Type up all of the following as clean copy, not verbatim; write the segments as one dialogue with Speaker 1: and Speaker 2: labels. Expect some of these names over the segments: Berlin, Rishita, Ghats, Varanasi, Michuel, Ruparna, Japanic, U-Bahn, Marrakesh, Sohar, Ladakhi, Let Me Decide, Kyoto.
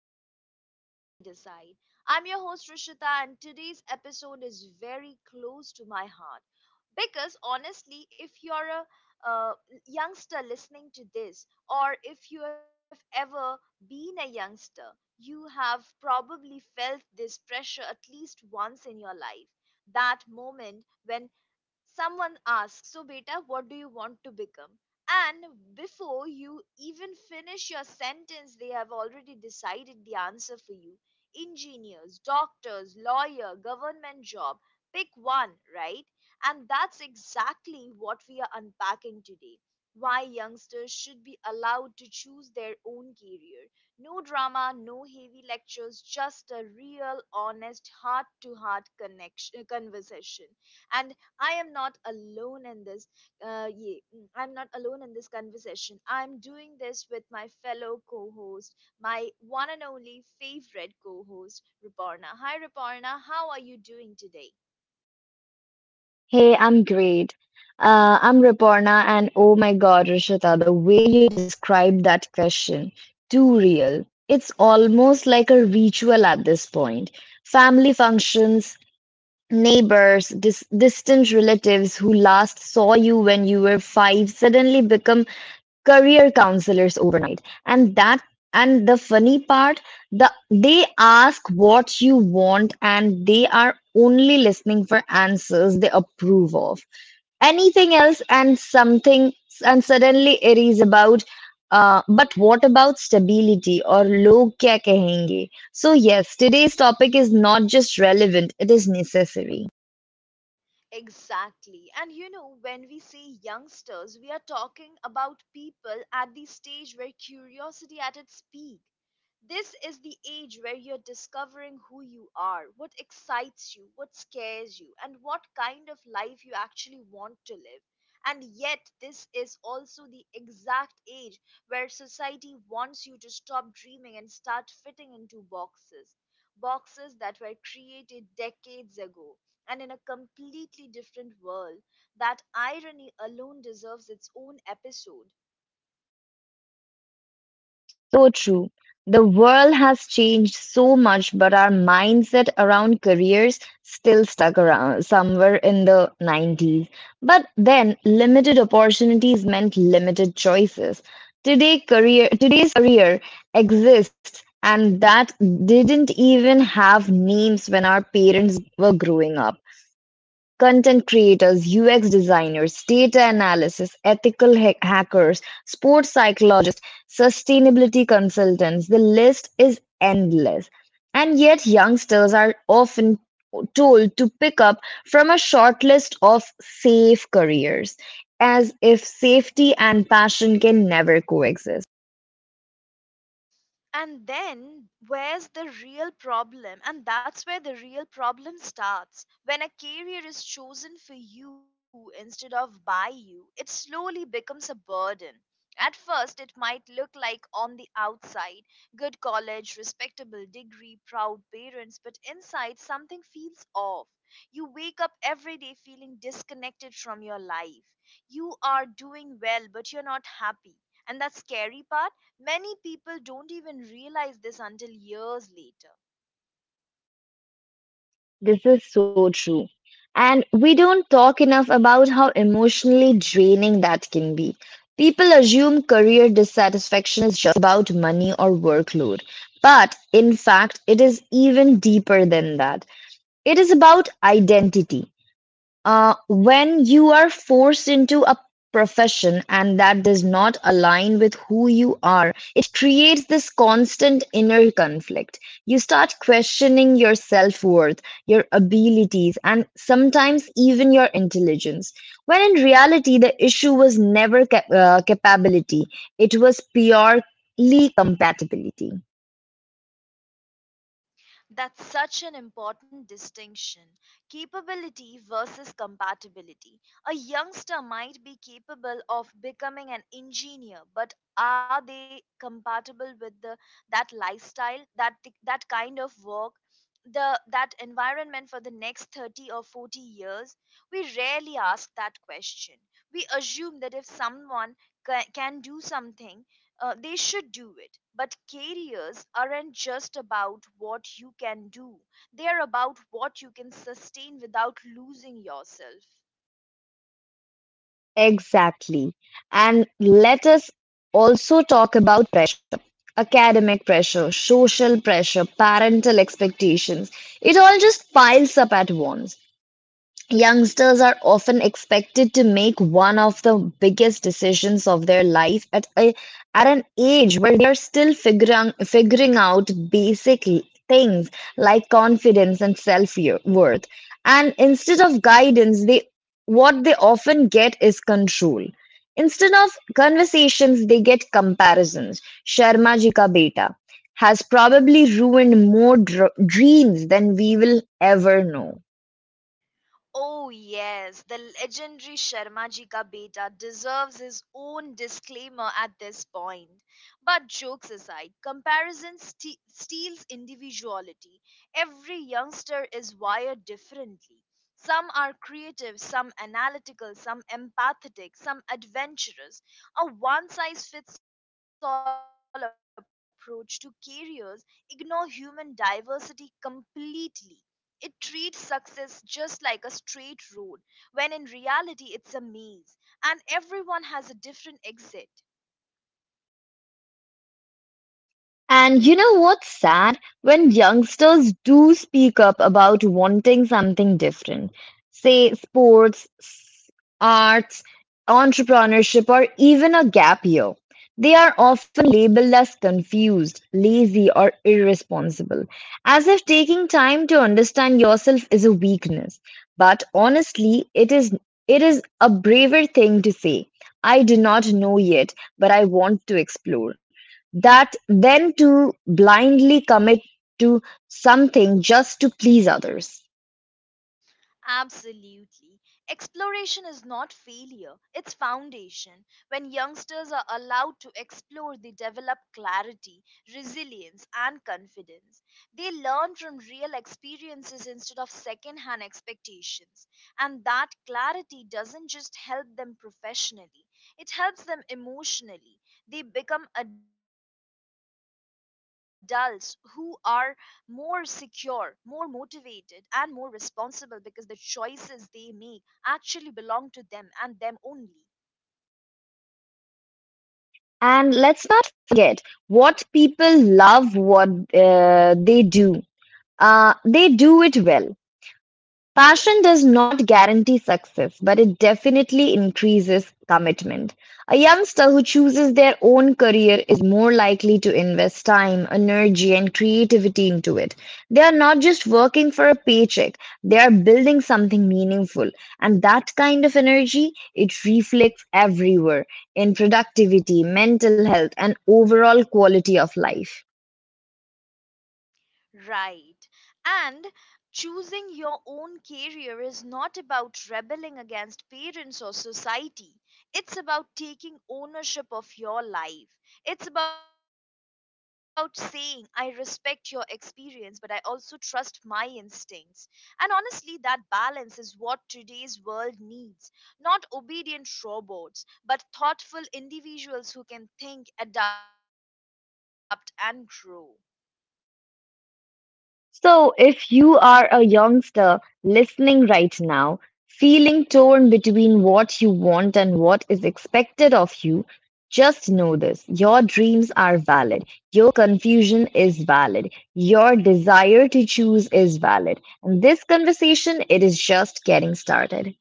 Speaker 1: episode of Let Me Decide. I'm your host Rishita, and today's episode is very close to my heart because honestly, if you're a youngster listening to this, or if you have ever been a youngster, you have probably felt this pressure at least once in your life. That moment when someone asks, So, beta, what do you want to become? And before you even finish your sentence, they have already decided the answer for you. Engineers, doctors, lawyer, government job. Pick one, right? And that's exactly what we are unpacking today. Why youngsters should be allowed to choose their own career. No drama, no heavy lectures, just a real, honest, heart to heart connection conversation. And I am not alone in this. Yeah, I'm not alone in this conversation. I'm doing this with my fellow co-host, my one and only favorite co-host, Ruparna. Hi, Ruparna. How are you doing today?
Speaker 2: Hey, I'm great. I'm Riporna, and oh my God, Rishita, the way you described that question, too real. It's almost like a ritual at this point. Family functions, neighbors, distant relatives who last saw you when you were five suddenly become career counselors over. And that and the funny part, the they ask what you want, and they are only listening for answers they approve of. Anything else and something, and suddenly it is about, but what about stability or log kya kahenge? So yes, today's topic is not just relevant, it is necessary.
Speaker 1: Exactly. And you know, when we say youngsters, we are talking about people at the stage where curiosity at its peak. This is the age where you're discovering who you are, what excites you, what scares you, and what kind of life you actually want to live. And yet, this is also the exact age where society wants you to stop dreaming and start fitting into boxes, that were created decades ago and in a completely different world. That irony alone deserves its own episode.
Speaker 2: So true. The world has changed so much, but our mindset around careers still stuck around somewhere in the 90s. But then, limited opportunities meant limited choices. Today's career exists, and that didn't even have names when our parents were growing up. Content creators, UX designers, data analysis, ethical hackers, sports psychologists, sustainability consultants, the list is endless. And yet youngsters are often told to pick up from a short list of safe careers, as if safety and passion can never coexist.
Speaker 1: And that's where the real problem starts. When a career is chosen for you instead of by you, it slowly becomes a burden. At first, it might look, like, on the outside, good college, respectable degree, proud parents, but inside something feels off. You wake up every day feeling disconnected from your life. You are doing well, but you're not happy. And that scary part, many people don't even realize this until years later.
Speaker 2: This is so true. And we don't talk enough about how emotionally draining that can be. People assume career dissatisfaction is just about money or workload, but in fact, it is even deeper than that. It is about identity. When you are forced into a profession and that does not align with who you are, it creates this constant inner conflict. You start questioning your self worth, your abilities, and sometimes even your intelligence. When in reality, the issue was never capability, it was purely compatibility.
Speaker 1: That's such an important distinction, capability versus compatibility. A youngster might be capable of becoming an engineer, but are they compatible with that lifestyle, that kind of work? The that environment for the next 30 or 40 years, we rarely ask that question. We assume that if someone can do something, they should do it. But careers aren't just about what you can do, they are about what you can sustain without losing yourself.
Speaker 2: Exactly. And let us also talk about academic pressure, social pressure, parental expectations, it all just piles up at once. Youngsters are often expected to make one of the biggest decisions of their life at an age where they are still figuring out things like confidence and self worth. And instead of guidance, they what they often get is control. Instead of conversations, they get comparisons. Sharma ji ka beta has probably ruined more dreams than we will ever know.
Speaker 1: Oh, yes, the legendary Sharma ji ka beta deserves his own disclaimer at this point. But jokes aside, comparison steals individuality. Every youngster is wired differently. Some are creative, some analytical, some empathetic, some adventurous. A one size fits all approach to careers ignore human diversity completely. It treats success just like a straight road, when in reality it's a maze, and everyone has a different exit.
Speaker 2: And you know what's sad? When youngsters do speak up about wanting something different, say sports, arts, entrepreneurship, or even a gap year, they are often labeled as confused, lazy, or irresponsible, as if taking time to understand yourself is a weakness. But honestly, it is a braver thing to say, I do not know yet, but I want to explore that then to blindly commit to something just to please others.
Speaker 1: Absolutely. Exploration is not failure, it's foundation. When youngsters are allowed to explore, they develop clarity, resilience, and confidence. They learn from real experiences instead of second hand expectations. And that clarity doesn't just help them professionally, it helps them emotionally. They become adults who are more secure, more motivated, and more responsible, because the choices they make actually belong to them and them only.
Speaker 2: And let's not forget what people love what they do. They do it well. Passion does not guarantee success, but it definitely increases commitment. A youngster who chooses their own career is more likely to invest time, energy, and creativity into it. They are not just working for a paycheck, they are building something meaningful. And that kind of energy, it reflects everywhere in productivity, mental health, and overall quality of life.
Speaker 1: Right. And choosing your own career is not about rebelling against parents or society. It's about taking ownership of your life. It's about saying, I respect your experience, but I also trust my instincts. And honestly, that balance is what today's world needs, not obedient robots, but thoughtful individuals who can think, adapt, and grow.
Speaker 2: So, if you are a youngster listening right now, feeling torn between what you want and what is expected of you, just know this: your dreams are valid. Your confusion is valid. Your desire to choose is valid. And this conversation, it is just getting started.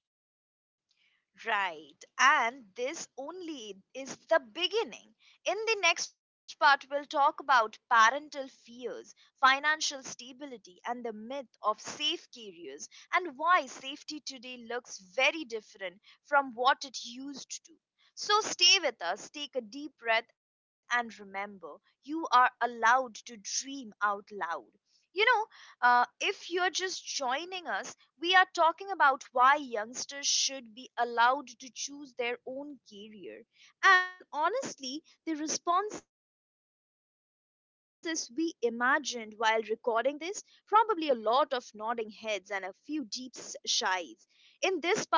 Speaker 1: Right. And this only is the beginning. In the next part, we'll talk about parental fears, financial stability, and the myth of safe careers, and why safety today looks very different from what it used to. So stay with us, take a deep breath, and remember, you are allowed to dream out loud. You know, if you're just joining us, we are talking about why youngsters should be allowed to choose their own career. And honestly, the responses we imagined while recording this, probably a lot of nodding heads and a few deep sighs. In this part,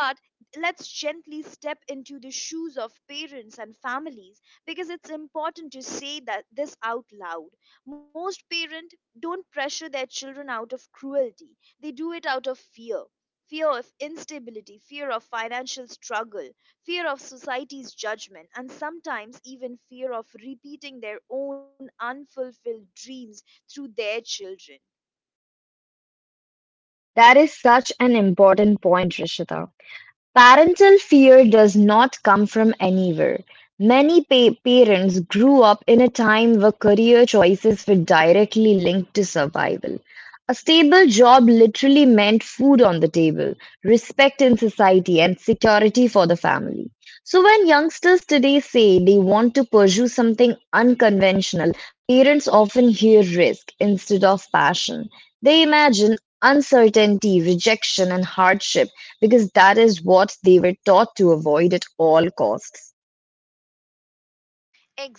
Speaker 1: let's gently step into the shoes of parents and families, because it's important to say that this out loud. Most parents don't pressure their children out of cruelty, they do it out of fear. Fear of instability, fear of financial struggle, fear of society's judgment, and sometimes even fear of repeating their own unfulfilled dreams through their children.
Speaker 2: That is such an important point, Rishita. Parental fear does not come from anywhere; many parents grew up in a time where career choices were directly linked to survival. A stable job literally meant food on the table, respect in society, and security for the family. So, when youngsters today say they want to pursue something unconventional, parents often hear risk instead of passion. They imagine uncertainty, rejection, and hardship because that is what they were taught to avoid at all costs.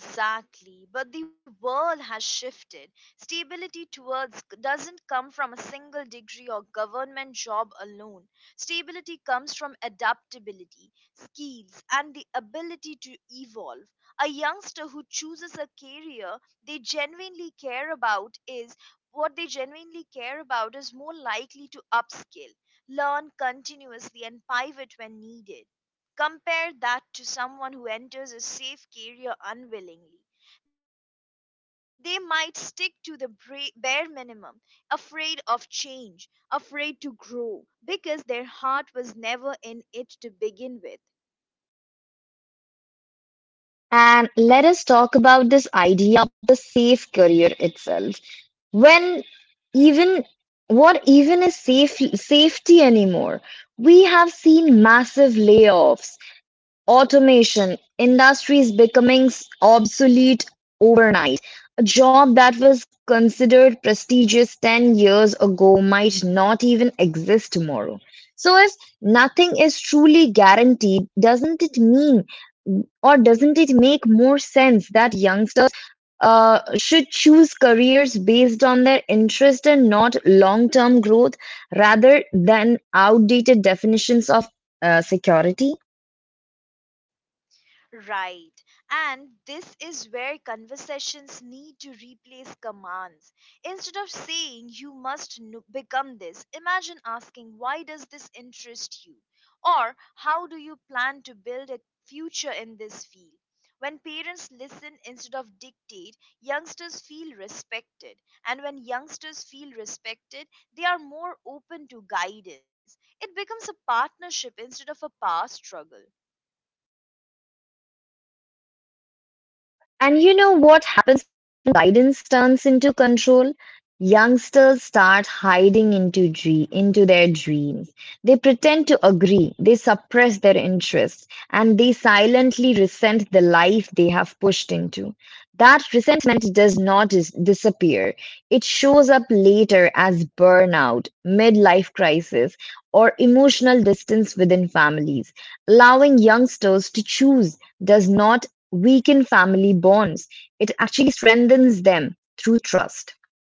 Speaker 1: Exactly, but the world has shifted. Stability towards doesn't come from a single degree or government job alone. Stability comes from adaptability, skills, and the ability to evolve. A youngster who chooses a career they genuinely care about is what they genuinely care about is more likely to upskill, learn continuously, and pivot when needed. Compare that to someone who enters a safe career unwillingly. They might stick to the bare minimum, afraid of change, afraid to grow, because their heart was never in it to begin with.
Speaker 2: And let us talk about this idea of the safe career itself. When even what even is safety anymore? We have seen massive layoffs, automation, industries becoming obsolete overnight. A job that was considered prestigious 10 years ago might not even exist tomorrow. So, if nothing is truly guaranteed, doesn't it make more sense that youngsters should choose careers based on their interest and not long term growth rather than outdated definitions of security.
Speaker 1: Right. And this is where conversations need to replace commands. Instead of saying you must become this, imagine asking, why does this interest you? Or how do you plan to build a future in this field? When parents listen instead of dictate, youngsters feel respected. And when youngsters feel respected, they are more open to guidance. It becomes a partnership instead of a power struggle.
Speaker 2: And you know what? Guidance turns into control. Youngsters start into their dreams. They pretend to agree, they suppress their interests, and they silently resent the life they have pushed into. That resentment does not disappear, it shows up later as burnout, midlife crisis, or emotional distance within families. Allowing youngsters to choose does not weaken family bonds. It strengthens them through trust.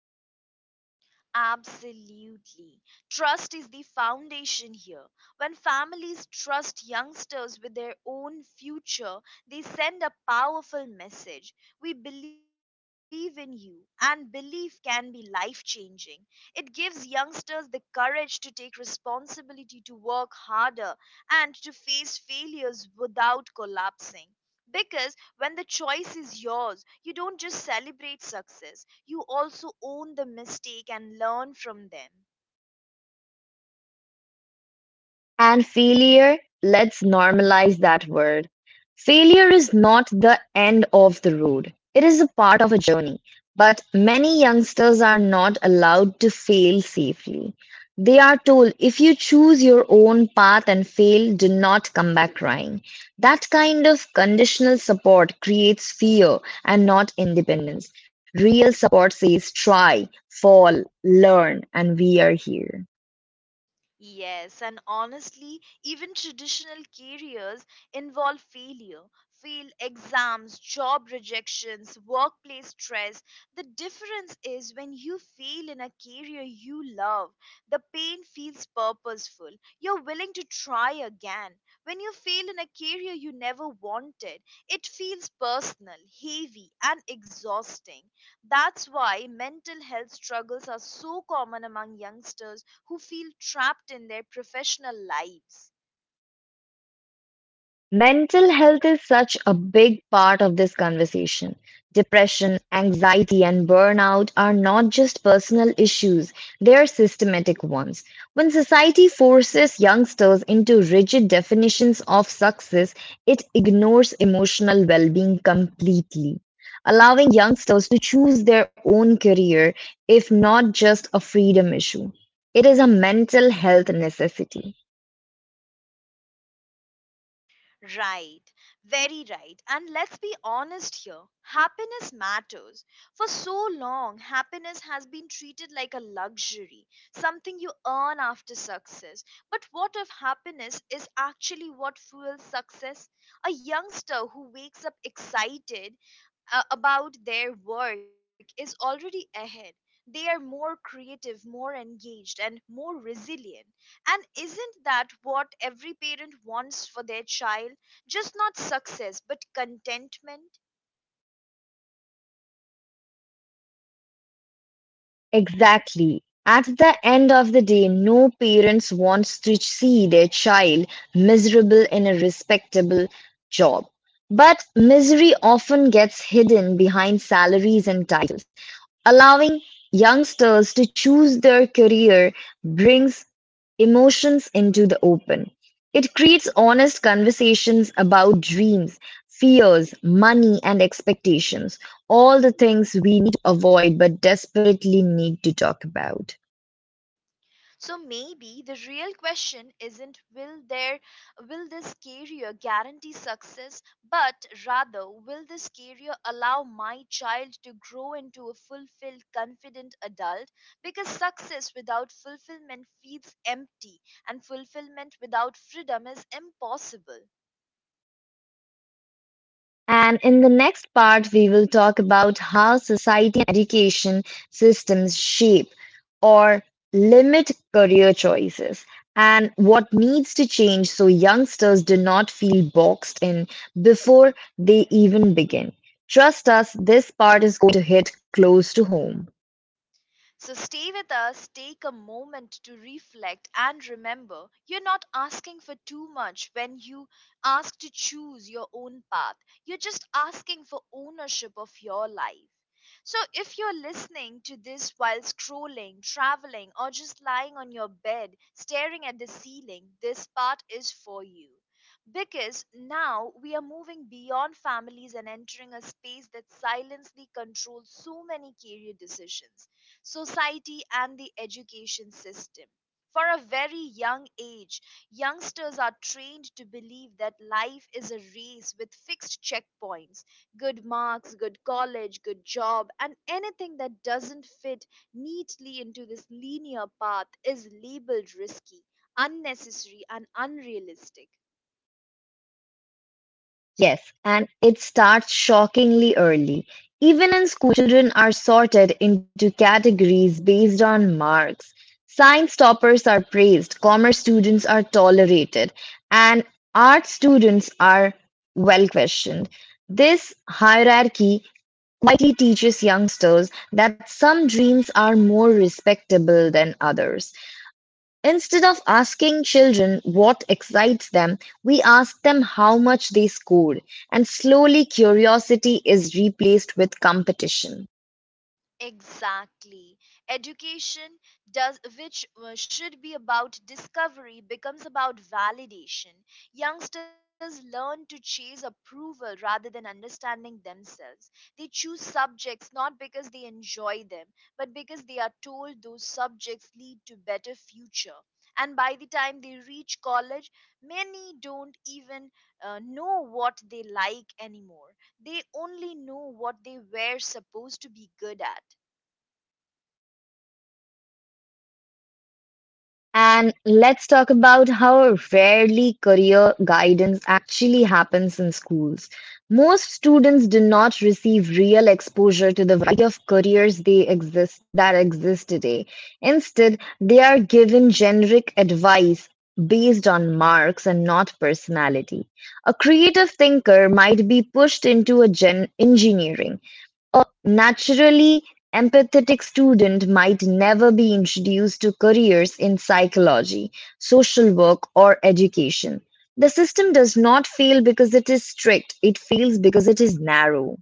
Speaker 1: Absolutely. Trust is the foundation here. When families trust youngsters with their own future, they send a powerful message. We believe in you, and belief can be life changing. It gives youngsters the courage to take responsibility, to work harder, and to face failures without collapsing. Because when the choice is yours, you don't just celebrate success, you also own the mistake and learn from them.
Speaker 2: And failure, let's normalize that word. Failure is not the end of the road, it is a part of a journey. But many youngsters are not allowed to fail safely. They are told, if you choose your own path and fail, do not come back crying. That kind of conditional support creates fear and not independence. Real support says try, fall, learn, and we are here.
Speaker 1: Yes, and honestly, even traditional careers involve failure, failed exams, job rejections, workplace stress. The difference is when you fail in a career you love, the pain feels purposeful. You're willing to try again. When you fail in a career you never wanted, it feels personal, heavy, and exhausting. That's why mental health struggles are so common among youngsters who feel trapped in their professional lives.
Speaker 2: Mental health is such a big part of this conversation. Depression, anxiety, and burnout are not just personal issues, they are systematic ones. When society forces youngsters into rigid definitions of success, it ignores emotional well being completely. Allowing youngsters to choose their own career, if not just a freedom issue, it is a mental health necessity.
Speaker 1: Right, very right. And let's be honest here, happiness matters. For so long, happiness has been treated like a luxury, something you earn after success. But what if happiness is actually what fuels success? A youngster who wakes up excited about their work is already ahead. They are more creative, more engaged, and more resilient. And isn't that what every parent wants for their child? Just not success, but contentment.
Speaker 2: Exactly. At the end of the day, no parents wants to see their child miserable in a respectable job. But misery often gets hidden behind salaries and titles. Allowing youngsters to choose their career brings emotions into the open. It creates honest conversations about dreams, fears, money, and expectations, all the things we need to avoid but desperately need to talk about.
Speaker 1: So maybe the real question isn't, will this career guarantee success, but rather, will this career allow my child to grow into a fulfilled, confident adult? Because success without fulfillment feels empty, and fulfillment without freedom is impossible.
Speaker 2: And in the next part, we will talk about how society and education systems shape or limit career choices and what needs to change so youngsters do not feel boxed in before they even begin. Trust us, this part is going to hit close to home.
Speaker 1: So stay with us, take a moment to reflect, and remember, you're not asking for too much when you ask to choose your own path. You're just asking for ownership of your life. So, if you're listening to this while scrolling, traveling, or just lying on your bed staring at the ceiling, this part is for you. Because now we are moving beyond families and entering a space that silently controls so many career decisions, society, and the education system. For a very young age, youngsters are trained to believe that life is a race with fixed checkpoints, good marks, good college, good job, and anything that doesn't fit neatly into this linear path is labeled risky, unnecessary, and unrealistic.
Speaker 2: Yes, and it starts shockingly early. Even in school, children are sorted into categories based on marks. Science toppers are praised, commerce students are tolerated, and art students are, well, questioned. This hierarchy likely teaches youngsters that some dreams are more respectable than others. Instead of asking children what excites them, we ask them how much they scored, and slowly curiosity is replaced with competition.
Speaker 1: Exactly. Education does which should be about discovery becomes about validation. Youngsters learn to chase approval rather than understanding themselves. They choose subjects not because they enjoy them, but because they are told those subjects lead to better future. And by the time they reach college, many don't even know what they like anymore. They only know what they were supposed to be good at.
Speaker 2: And let's talk about how rarely career guidance actually happens in schools. Most students do not receive real exposure to the variety of careers they exist that exist today. Instead, they are given generic advice based on marks and not personality. A creative thinker might be pushed into engineering. Naturally empathetic student might never be introduced to careers in psychology, social work or education. The system does not fail because it is strict, it fails because it is narrow.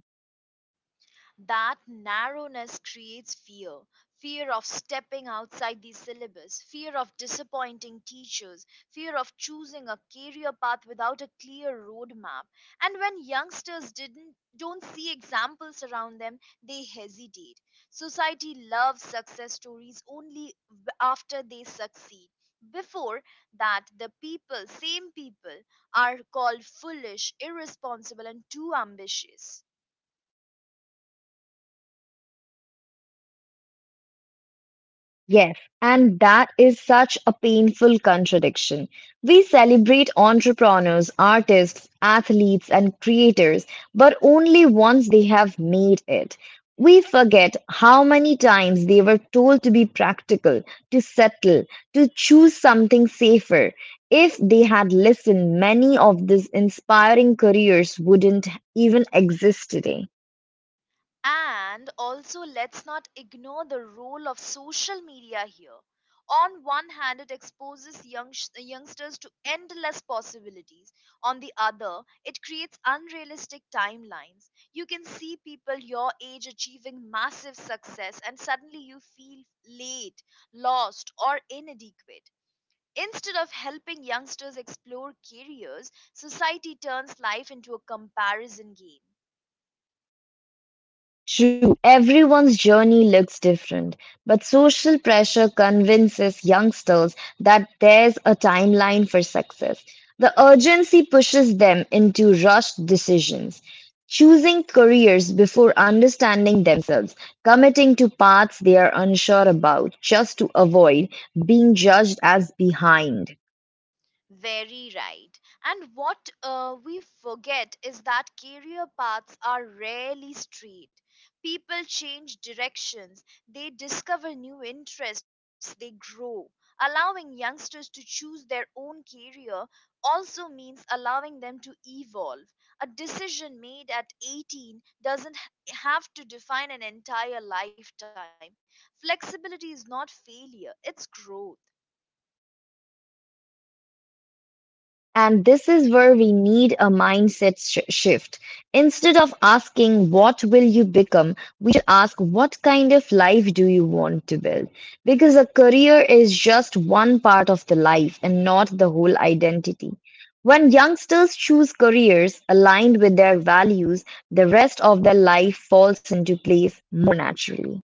Speaker 1: That narrowness creates fear, fear of stepping outside the syllabus, fear of disappointing teachers, fear of choosing a career path without a clear roadmap. And when youngsters didn't, don't see examples around them, they hesitate. Society loves success stories only after they succeed. Before that, same people, are called foolish, irresponsible, and too ambitious.
Speaker 2: Yes, and that is such a painful contradiction. We celebrate entrepreneurs, artists, athletes, and creators, but only once they have made it. We forget how many times they were told to be practical, to settle, to choose something safer. If they had listened, many of these inspiring careers wouldn't even exist today.
Speaker 1: And also, let's not ignore the role of social media here. On one hand, it exposes youngsters to endless possibilities. On the other, it creates unrealistic timelines. You can see people your age achieving massive success, and suddenly you feel late, lost, or inadequate. Instead of helping youngsters explore careers, society turns life into a comparison game.
Speaker 2: True, everyone's journey looks different, but social pressure convinces youngsters that there's a timeline for success. The urgency pushes them into rushed decisions, choosing careers before understanding themselves, committing to paths they are unsure about just to avoid being judged as behind.
Speaker 1: Very right. And what we forget is that career paths are rarely straight. People change directions, they discover new interests, they grow. Allowing youngsters to choose their own career also means allowing them to evolve. A decision made at 18 doesn't have to define an entire lifetime. Flexibility is not failure, it's growth.
Speaker 2: And this is where we need a mindset shift. Instead of asking, what will you become? We should ask, what kind of life do you want to build? Because a career is just one part of the life and not the whole identity. When youngsters choose careers aligned with their values, the rest of their life falls into place more naturally.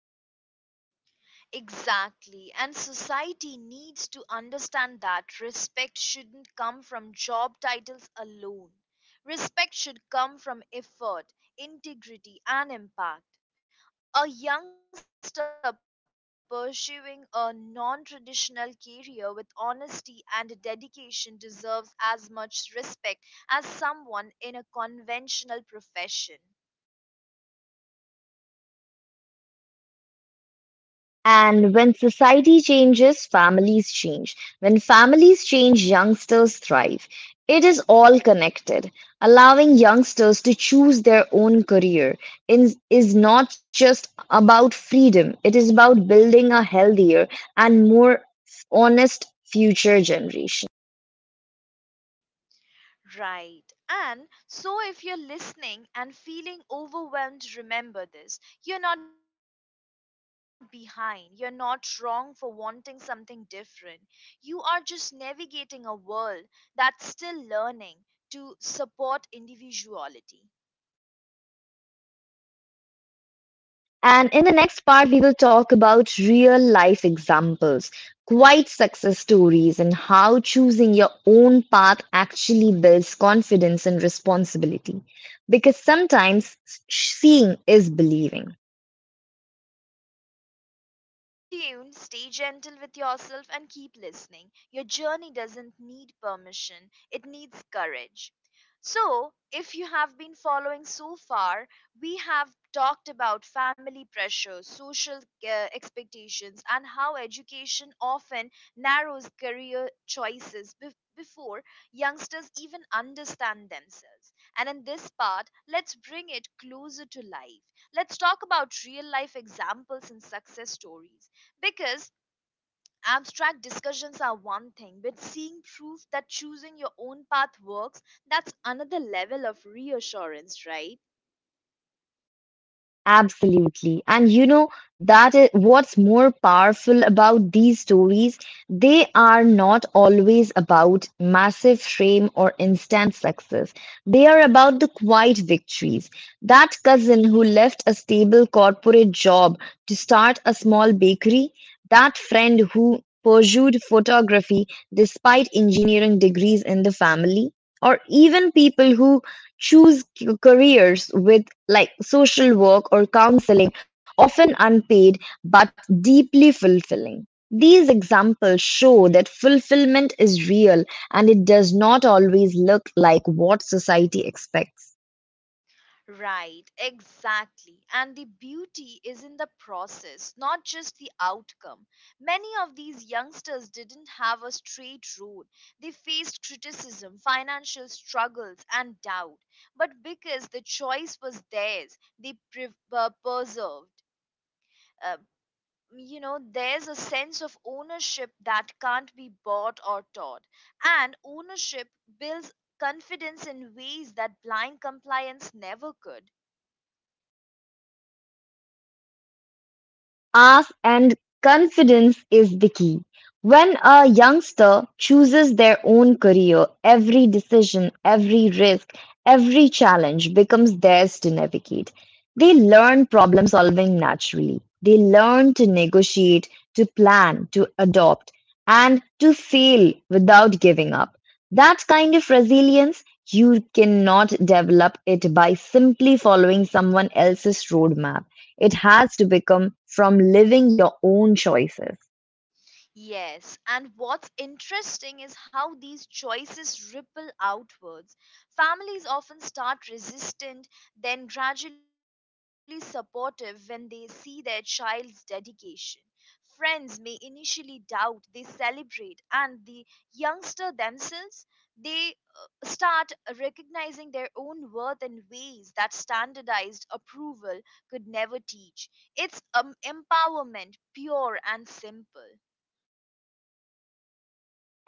Speaker 1: Exactly. And society needs to understand that respect shouldn't come from job titles alone. Respect should come from effort, integrity, and impact. A youngster pursuing a non traditional career with honesty and dedication deserves as much respect as someone in a conventional profession.
Speaker 2: And when society changes, families change. When families change, youngsters thrive. It is all connected. Allowing youngsters to choose their own career is not just about freedom, it is about building a healthier and more honest future generation.
Speaker 1: Right. And so if you're listening and feeling overwhelmed, remember this. You're not behind. You're not wrong for wanting something different. You are just navigating a world that's still learning to support individuality.
Speaker 2: And in the next part, we will talk about real life examples, quite success stories, and how choosing your own path actually builds confidence and responsibility. Because sometimes seeing is believing.
Speaker 1: So, stay tuned, stay gentle with yourself, and keep listening. Your journey doesn't need permission, it needs courage. So, if you have been following so far, we have talked about family pressure, social uh, expectations, and how education often narrows career choices before youngsters even understand themselves. And in this part, let's bring it closer to life. Let's talk about real life examples and success stories because abstract discussions are one thing, but seeing proof that choosing your own path works, that's another level of reassurance, right?
Speaker 2: Absolutely. And you know, that is what's more powerful about these stories. They are not always about massive fame or instant success. They are about the quiet victories. That cousin who left a stable corporate job to start a small bakery, that friend who pursued photography despite engineering degrees in the family. Or even people who choose careers with like social work or counseling, often unpaid but deeply fulfilling. These examples show that fulfillment is real and it does not always look like what society expects.
Speaker 1: Right, exactly. And the beauty is in the process, not just the outcome. Many of these youngsters didn't have a straight road. They faced criticism, financial struggles, and doubt. But because the choice was theirs, they persevered. Uh, there's a sense of ownership that can't be bought or taught. And ownership builds confidence in ways that blind compliance never could.
Speaker 2: Ask and confidence is the key. When a youngster chooses their own career, every decision, every risk, every challenge becomes theirs to navigate. They learn problem solving naturally. They learn to negotiate, to plan, to adopt, and to fail without giving up. That kind of resilience, you cannot develop it by simply following someone else's roadmap. It has to become from living your own choices.
Speaker 1: Yes, and what's interesting is how these choices ripple outwards. Families often start resistant, then gradually supportive when they see their child's dedication. Friends may initially doubt, they celebrate, and the youngster themselves they start recognizing their own worth in ways that standardized approval could never teach. It's empowerment, pure and simple.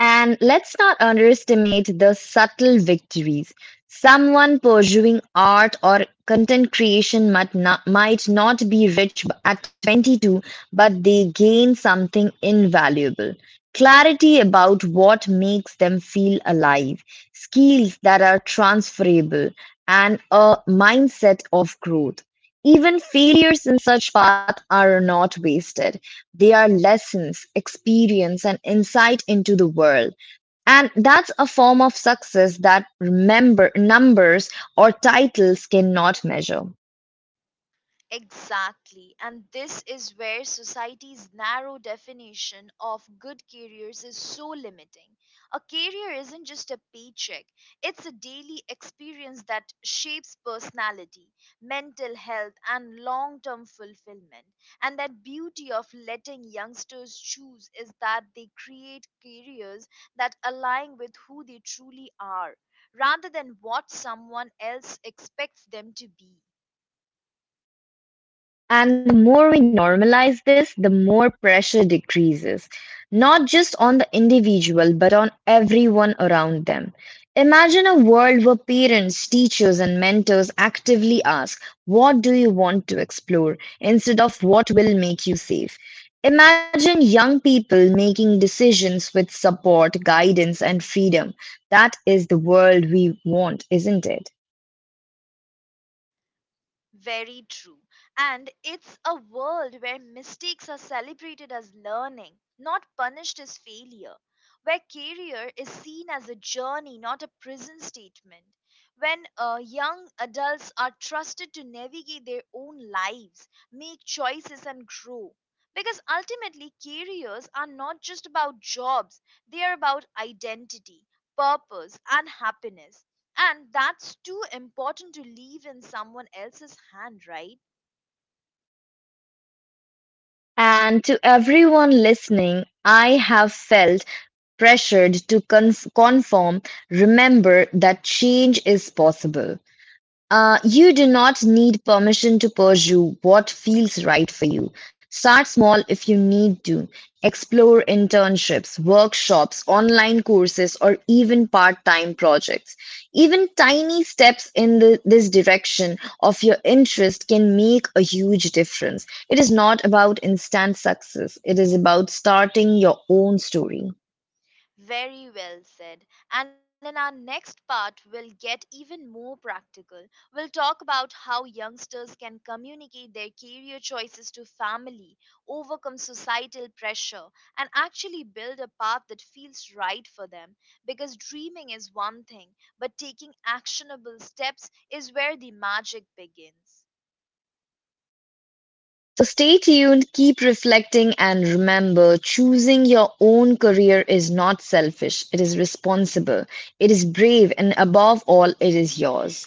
Speaker 2: And let's not underestimate the subtle victories. Someone pursuing art or content creation might not be rich at 22, but they gain something invaluable clarity about what makes them feel alive, skills that are transferable, and a mindset of growth. Even failures in such path are not wasted. They are lessons, experience, and insight into the world. And that's a form of success that remember numbers or titles cannot measure.
Speaker 1: Exactly. And this is where society's narrow definition of good careers is so limiting. A career isn't just a paycheck, it's a daily experience that shapes personality, mental health, and long term fulfillment. And that beauty of letting youngsters choose is that they create careers that align with who they truly are, rather than what someone else expects them to be.
Speaker 2: And the more we normalize this, the more pressure decreases, not just on the individual, but on everyone around them. Imagine a world where parents, teachers, and mentors actively ask, "What do you want to explore?" instead of what will make you safe. Imagine young people making decisions with support, guidance, and freedom. That is the world we want, isn't it?
Speaker 1: Very true. And it's a world where mistakes are celebrated as learning, not punished as failure, where career is seen as a journey, not a prison statement, when young adults are trusted to navigate their own lives, make choices, and grow. Because ultimately, careers are not just about jobs, they are about identity, purpose, and happiness, and that's too important to leave in someone else's hand, right?
Speaker 2: And to everyone listening, I have felt pressured to conform. Remember that change is possible. You do not need permission to pursue what feels right for you. Start small if you need to. Explore internships, workshops, online courses, or even part time projects. Even tiny steps in this direction of your interest can make a huge difference. It is not about instant success, it is about starting your own story.
Speaker 1: Very well said. And in our next part, we'll get even more practical. We'll talk about how youngsters can communicate their career choices to family, overcome societal pressure, and actually build a path that feels right for them. Because dreaming is one thing, but taking actionable steps is where the magic begins.
Speaker 2: So stay tuned, keep reflecting, and remember choosing your own career is not selfish, it is responsible, it is brave, and above all, it is yours.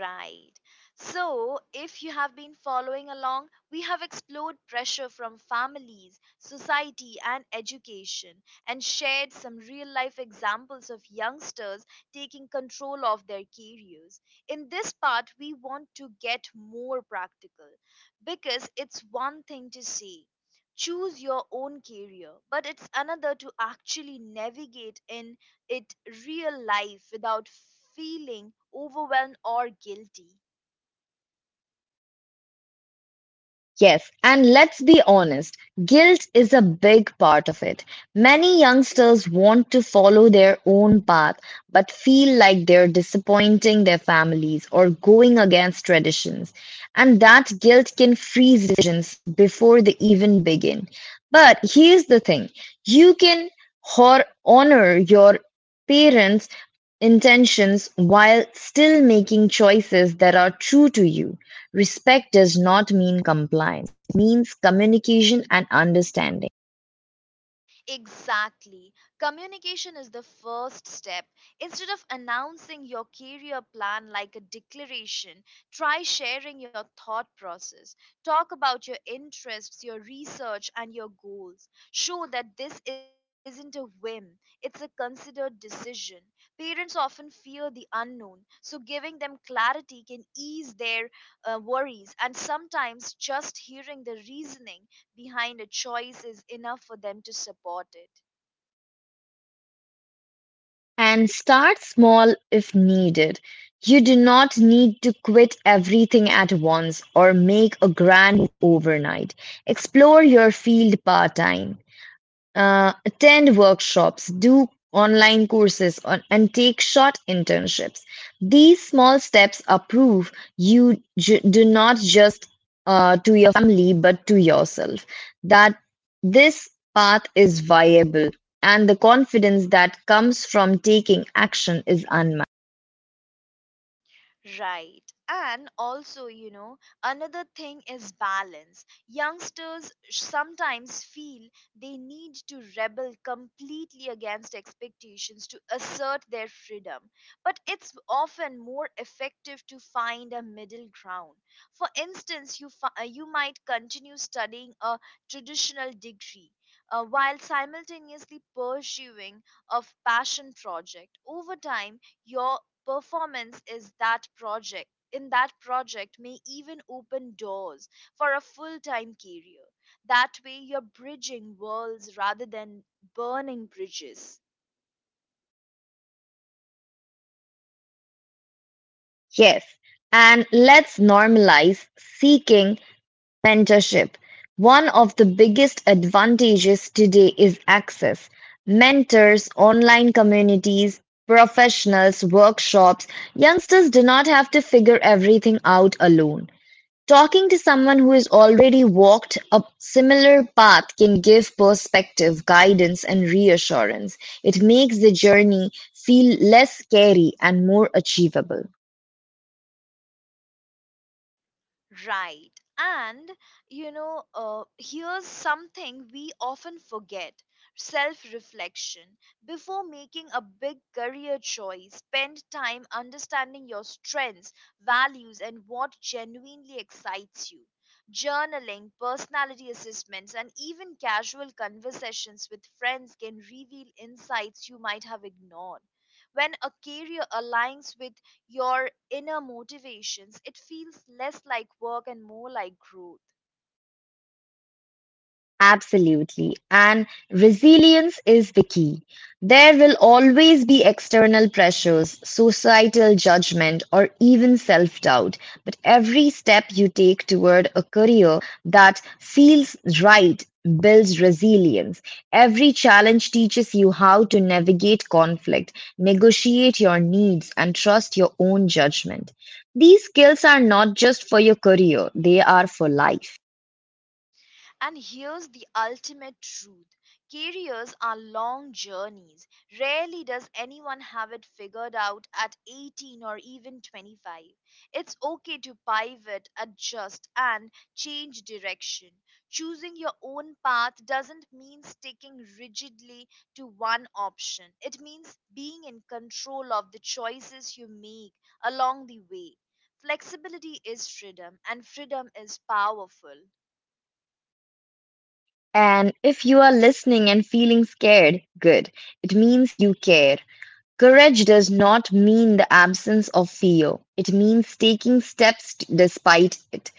Speaker 1: Right. So, if you have been following along, we have explored pressure from families, society, and education, and shared some real life examples of youngsters taking control of their careers. In this part, we want to get more practical because it's one thing to say, choose your own career, but it's another to actually navigate in it real life without feeling overwhelmed or guilty.
Speaker 2: Yes, and let's be honest, guilt is a big part of it. Many youngsters want to follow their own path but feel like they're disappointing their families or going against traditions. And that guilt can freeze decisions before they even begin. But here's the thing you can honor your parents' intentions while still making choices that are true to you. Respect does not mean compliance means communication and understanding.
Speaker 1: Exactly. Communication is the first step. Instead of announcing your career plan like a declaration, try sharing your thought process. Talk about your interests, your research, and your goals. Show that this isn't a whim, it's a considered decision. Parents often fear the unknown, so giving them clarity can ease their worries, and sometimes just hearing the reasoning behind a choice is enough for them to support it.
Speaker 2: And start small if needed. You do not need to quit everything at once or make a grand move overnight. Explore your field part time. Attend workshops, do online courses, and take short internships. These small steps are proof you do not just to your family but to yourself that this path is viable and the confidence that comes from taking action is unmatched.
Speaker 1: Right. And also, you know, another thing is balance. Youngsters sometimes feel they need to rebel completely against expectations to assert their freedom. But it's often more effective to find a middle ground. For instance, you might continue studying a traditional degree, while simultaneously pursuing a passion project. Over time, your performance is that project in that project may even open doors for a full-time career. That way you're bridging worlds rather than burning bridges.
Speaker 2: Yes, and let's normalize seeking mentorship. One of the biggest advantages today is access: mentors, online communities, professionals, workshops. Youngsters do not have to figure everything out alone. Talking to someone who has already walked a similar path can give perspective, guidance, and reassurance. It makes the journey feel less scary and more achievable.
Speaker 1: Right. And, you know, here's something we often forget: self reflection. Before making a big career choice, spend time understanding your strengths, values, and what genuinely excites you. Journaling, personality assessments, and even casual conversations with friends can reveal insights you might have ignored. When a career aligns with your inner motivations, it feels less like work and more like growth.
Speaker 2: Absolutely. And resilience is the key. There will always be external pressures, societal judgment, or even self doubt. But every step you take toward a career that feels right builds resilience. Every challenge teaches you how to navigate conflict, negotiate your needs, and trust your own judgment. These skills are not just for your career, they are for life.
Speaker 1: And here's the ultimate truth: careers are long journeys. Rarely does anyone have it figured out at 18 or even 25. It's okay to pivot, adjust, and change direction. Choosing your own path doesn't mean sticking rigidly to one option, it means being in control of the choices you make along the way. Flexibility is freedom, and freedom is powerful.
Speaker 2: And if you are listening and feeling scared, good. It means you care. Courage does not mean the absence of fear, it means taking steps despite it.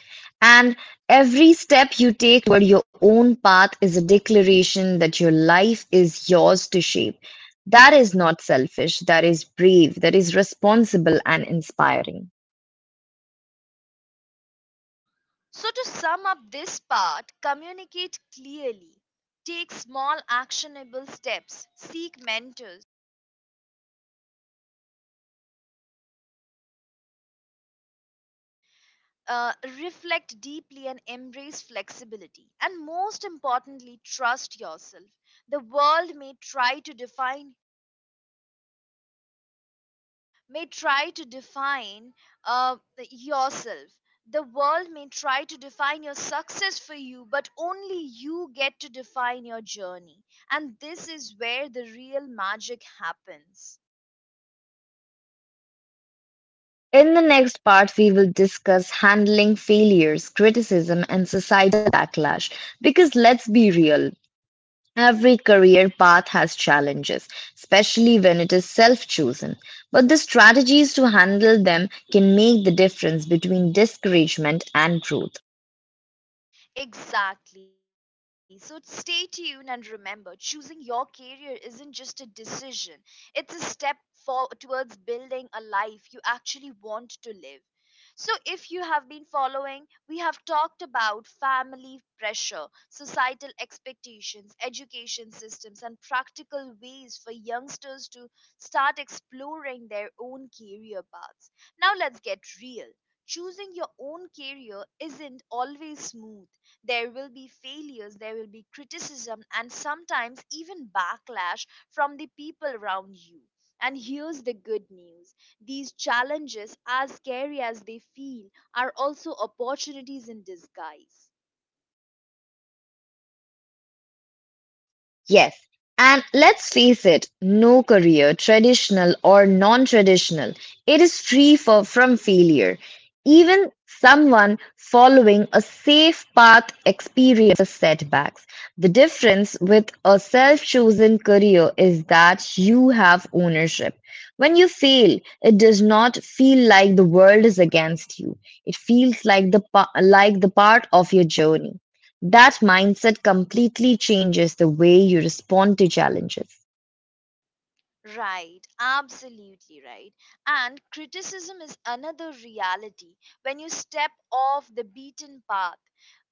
Speaker 2: And every step you take toward your own path is a declaration that your life is yours to shape. That is not selfish, that is brave, that is responsible and inspiring.
Speaker 1: So, to sum up this part, communicate clearly, take small actionable steps, seek mentors, reflect deeply, and embrace flexibility. And most importantly, trust yourself. The world may try to define uh, yourself. The world may try to define your success for you, but only you get to define your journey. And this is where the real magic happens.
Speaker 2: In the next part, we will discuss handling failures, criticism, and societal backlash. Because let's be real, every career path has challenges, especially when it is self chosen. But the strategies to handle them can make the difference between discouragement and growth.
Speaker 1: Exactly. So stay tuned and remember, choosing your career isn't just a decision, it's a step towards building a life you actually want to live. So, if you have been following, we have talked about family pressure, societal expectations, education systems, and practical ways for youngsters to start exploring their own career paths. Now, let's get real: choosing your own career isn't always smooth. There will be failures, there will be criticism, and sometimes even backlash from the people around you. And here's the good news: these challenges, as scary as they feel, are also opportunities in disguise.
Speaker 2: Yes. And let's face it, no career, traditional or non traditional, it is free for, from failure. Even someone following a safe path experiences setbacks. The difference with a self chosen career is that you have ownership. When you fail, it does not feel like the world is against you. It feels like like the part of your journey. That mindset completely changes the way you respond to challenges.
Speaker 1: Right, absolutely right. And criticism is another reality. When you step off the beaten path,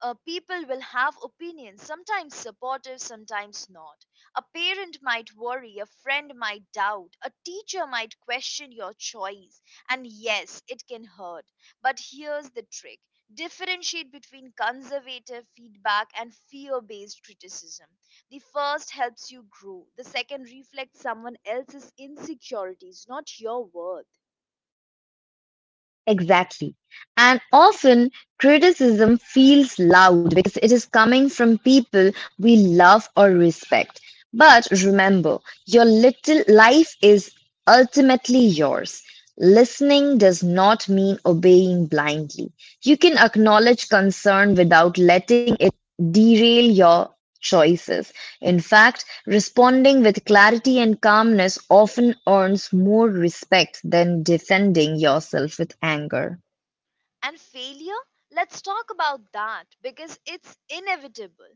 Speaker 1: people will have opinions, sometimes supportive, sometimes not. A parent might worry, a friend might doubt, a teacher might question your choice. And yes, it can hurt. But here's the trick: differentiate between conservative feedback and fear based criticism. The first helps you grow. The second reflects someone else's insecurities, not your worth.
Speaker 2: Exactly. And often criticism feels loud because it is coming from people we love or respect. But remember, your little life is ultimately yours. Listening does not mean obeying blindly. You can acknowledge concern without letting it derail your choices. In fact, responding with clarity and calmness often earns more respect than defending yourself with anger.
Speaker 1: And failure, let's talk about that because it's inevitable.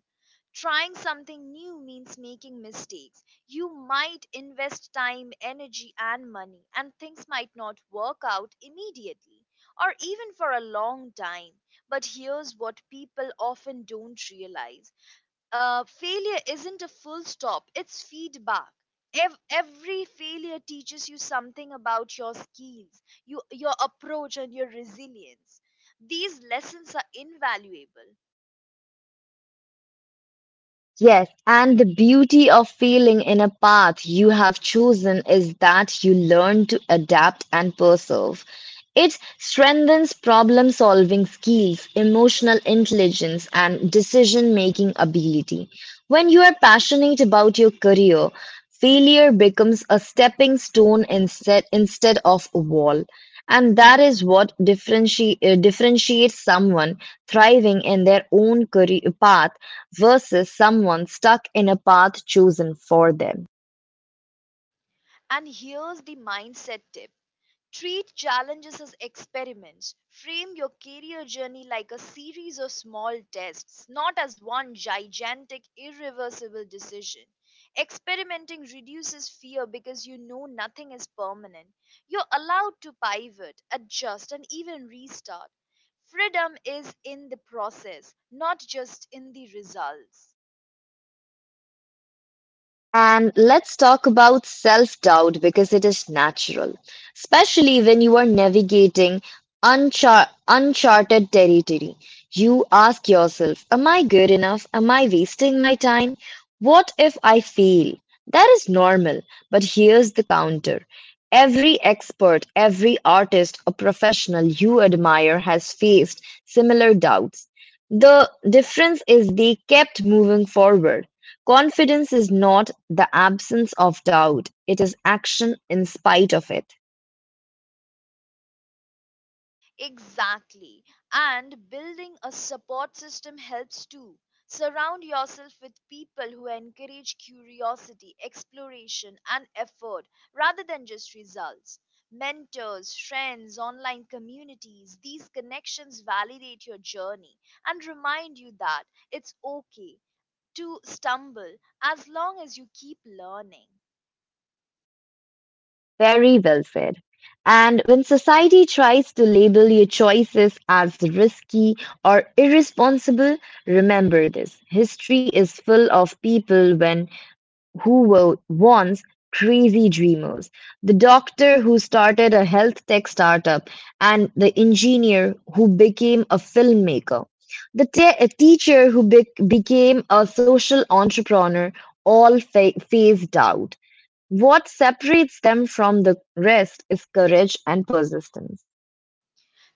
Speaker 1: Trying something new means making mistakes. You might invest time, energy, and money, and things might not work out immediately or even for a long time. But here's what people often don't realize: failure isn't a full stop, it's feedback. Every failure teaches you something about your skills, your approach, and your resilience. These lessons are invaluable.
Speaker 2: Yes, and the beauty of failing in a path you have chosen is that you learn to adapt and persevere. It strengthens problem solving skills, emotional intelligence, and decision making ability. When you are passionate about your career, failure becomes a stepping stone instead of a wall. And that is what differentiates someone thriving in their own career path versus someone stuck in a path chosen for them.
Speaker 1: And here's the mindset tip: treat challenges as experiments. Frame your career journey like a series of small tests, not as one gigantic, irreversible decision. Experimenting reduces fear because you know nothing is permanent. You're allowed to pivot, adjust, and even restart. Freedom is in the process, not just in the results.
Speaker 2: And let's talk about self doubt because it is natural, especially when you are navigating uncharted territory. You ask yourself, "Am I good enough? Am I wasting my time? What if I fail?" That is normal, but here's the counter. Every expert, every artist or professional you admire has faced similar doubts. The difference is they kept moving forward. Confidence is not the absence of doubt, it is action in spite of it.
Speaker 1: Exactly. And building a support system helps too. Surround yourself with people who encourage curiosity, exploration, and effort rather than just results. Mentors, friends, online communities, these connections validate your journey and remind you that it's okay to stumble as long as you keep learning.
Speaker 2: Very well said. And when society tries to label your choices as risky or irresponsible, remember this. History is full of people when wants crazy dreamers, the doctor who started a health tech startup, and the engineer who became a filmmaker, the a teacher who became a social entrepreneur, phased out. What separates them from the rest is courage and persistence.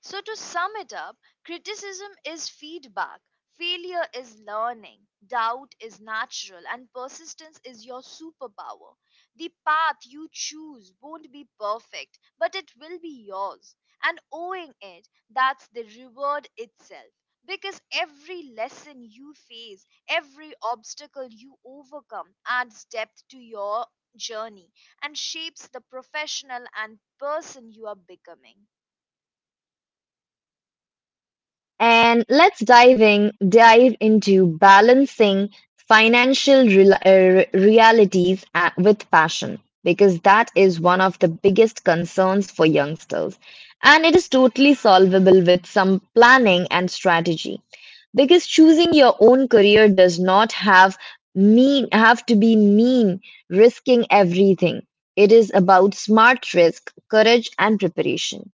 Speaker 1: So, to sum it up, criticism is feedback, failure is learning, doubt is natural, and persistence is your superpower. The path you choose won't be perfect, but it will be yours. And owing it, that's the reward itself. Because every lesson you face, every obstacle you overcome adds depth to your journey and shapes the professional and person you are becoming.
Speaker 2: And let's diving dive into balancing financial realities with passion because that is one of the biggest concerns for youngsters. And it is totally solvable with some planning and strategy. Because choosing your own career does not have mean have to be mean risking everything. It is about smart risk, courage and preparation.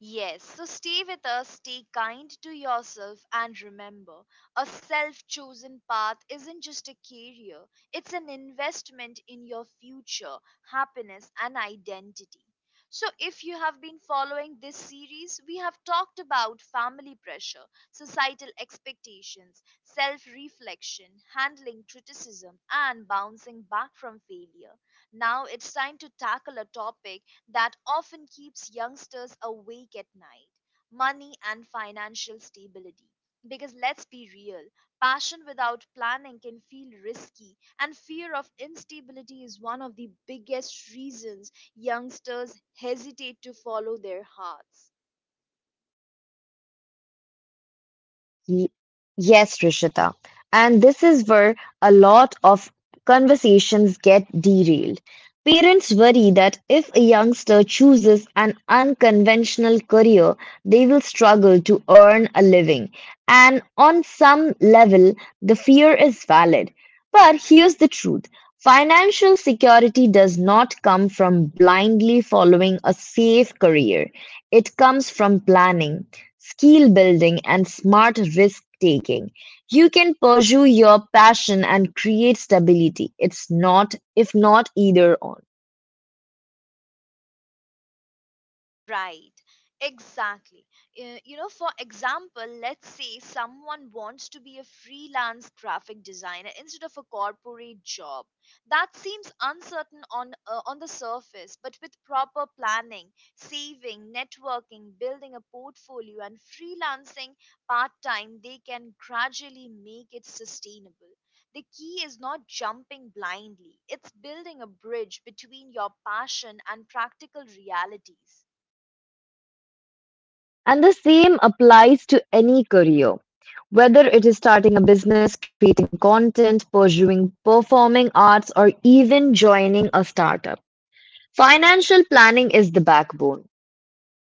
Speaker 1: Yes, so stay with us, stay kind to yourself, and remember, a self chosen path isn't just a career, it's an investment in your future, happiness, and identity. So, if you have been following this series, we have talked about family pressure, societal expectations, self reflection, handling criticism, and bouncing back from failure. Now it's time to tackle a topic that often keeps youngsters awake at night: money and financial stability. Because let's be real, passion without planning can feel risky, and fear of instability is one of the biggest reasons youngsters hesitate to follow their hearts.
Speaker 2: Ye- Yes, Rishita. And this is where a lot of conversations get derailed. Parents worry that if a youngster chooses an unconventional career, they will struggle to earn a living. And on some level, the fear is valid. But here's the truth. Financial security does not come from blindly following a safe career. It comes from planning skill building, and smart risk taking. You can pursue your passion and create stability. It's not, if not either on.
Speaker 1: Right, exactly. You know, for example, let's say someone wants to be a freelance graphic designer instead of a corporate job. That seems uncertain on the surface, but with proper planning, saving, networking, building a portfolio and freelancing part-time, they can gradually make it sustainable. The key is not jumping blindly. It's building a bridge between your passion and practical realities.
Speaker 2: And the same applies to any career. Whether it is starting a business, creating content, pursuing performing arts, or even joining a startup, financial planning is the backbone.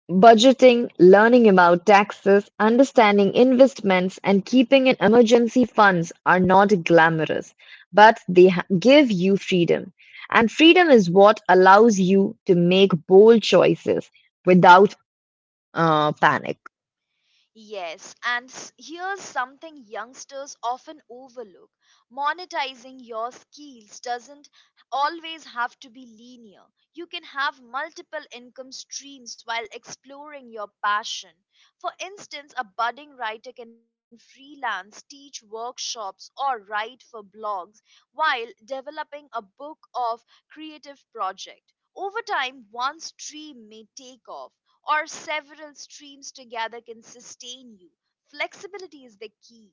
Speaker 2: Budgeting, learning about taxes, understanding investments, and keeping an emergency funds are not glamorous, but they give you freedom. And freedom is what allows you to make bold choices without panic.
Speaker 1: Yes, and here's something youngsters often overlook. Monetizing your skills doesn't always have to be linear. You can have multiple income streams while exploring your passion. For instance, a budding writer can freelance, teach workshops, or write for blogs while developing a book of creative project. Over time, one stream may take off, or several streams together can sustain you. Flexibility is the key.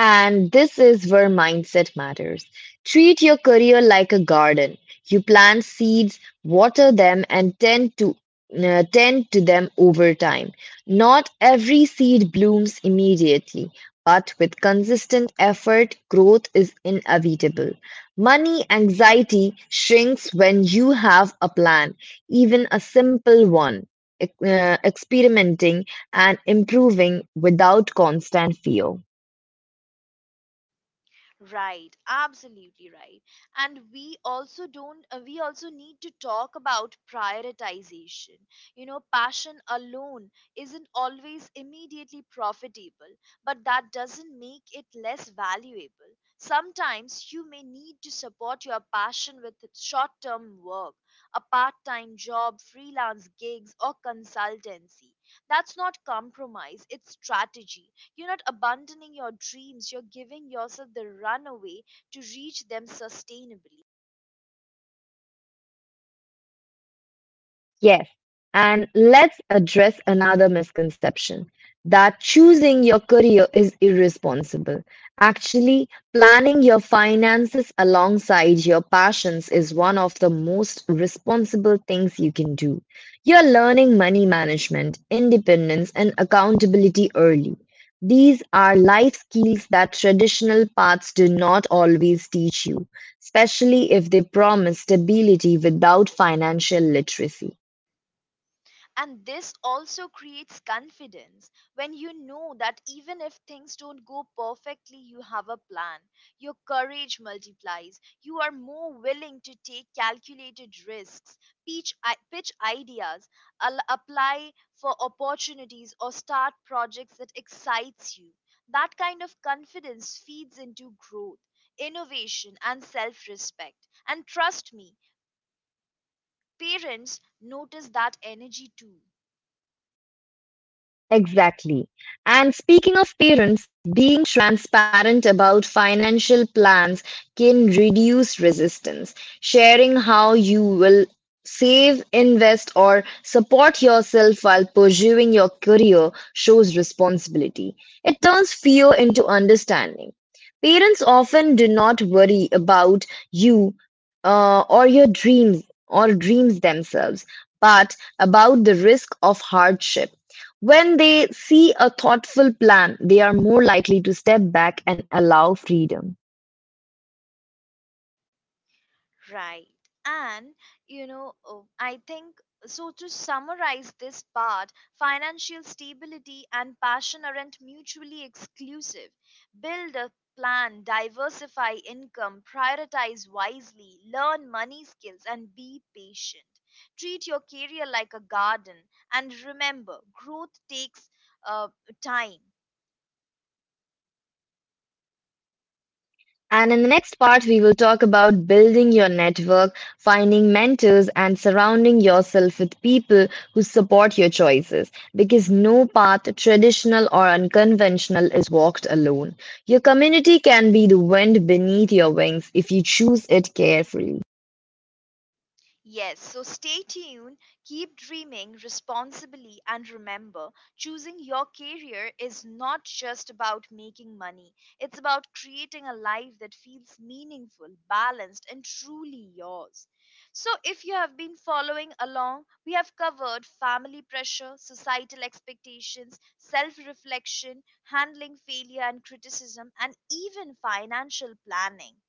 Speaker 2: And this is where mindset matters. Treat your career like a garden. You plant seeds, water them, and tend to them over time. Not every seed blooms immediately, but with consistent effort, growth is inevitable. Money anxiety shrinks when you have a plan, even a simple one. Experimenting and improving without constant fear.
Speaker 1: Right, absolutely right. And we also don't, we also need to talk about prioritization. You know, passion alone isn't always immediately profitable, but that doesn't make it less valuable. Sometimes you may need to support your passion with short term work, a part time job, freelance gigs, or consultancy. That's not compromise, it's strategy. You're not abandoning your dreams, you're giving yourself the runaway to reach them sustainably.
Speaker 2: Yes. And let's address another misconception that choosing your career is irresponsible. Actually, planning your finances alongside your passions is one of the most responsible things you can do. You're learning money management, independence, and accountability early. These are life skills that traditional paths do not always teach you, especially if they promise stability without financial literacy.
Speaker 1: And this also creates confidence when you know that even if things don't go perfectly, you have a plan. Your courage multiplies. You are more willing to take calculated risks, pitch ideas, apply for opportunities, or start projects that excites you. That kind of confidence feeds into growth, innovation, and self respect. And trust me, parents notice that energy too.
Speaker 2: Exactly. And speaking of parents, being transparent about financial plans can reduce resistance. Sharing how you will save, invest, or support yourself while pursuing your career shows responsibility. It turns fear into understanding. Parents often do not worry about you uh, or your dreams themselves, but about the risk of hardship when they see a thoughtful plan, they are more likely to step back and allow freedom.
Speaker 1: Right. And I think. To summarize this part, financial stability and passion aren't mutually exclusive. Build a plan, diversify income, prioritize wisely, learn money skills, and be patient. Treat your career like a garden. And remember, growth takes uh, time.
Speaker 2: And in the next part, we will talk about building your network, finding mentors, and surrounding yourself with people who support your choices. Because no path, traditional or unconventional, is walked alone. Your community can be the wind beneath your wings if you choose it carefully.
Speaker 1: Yes, so stay tuned, keep dreaming responsibly, and remember, choosing your career is not just about making money, it's about creating a life that feels meaningful, balanced, and truly yours. So, if you have been following along, we have covered family pressure, societal expectations, self reflection, handling failure and criticism, and even financial planning.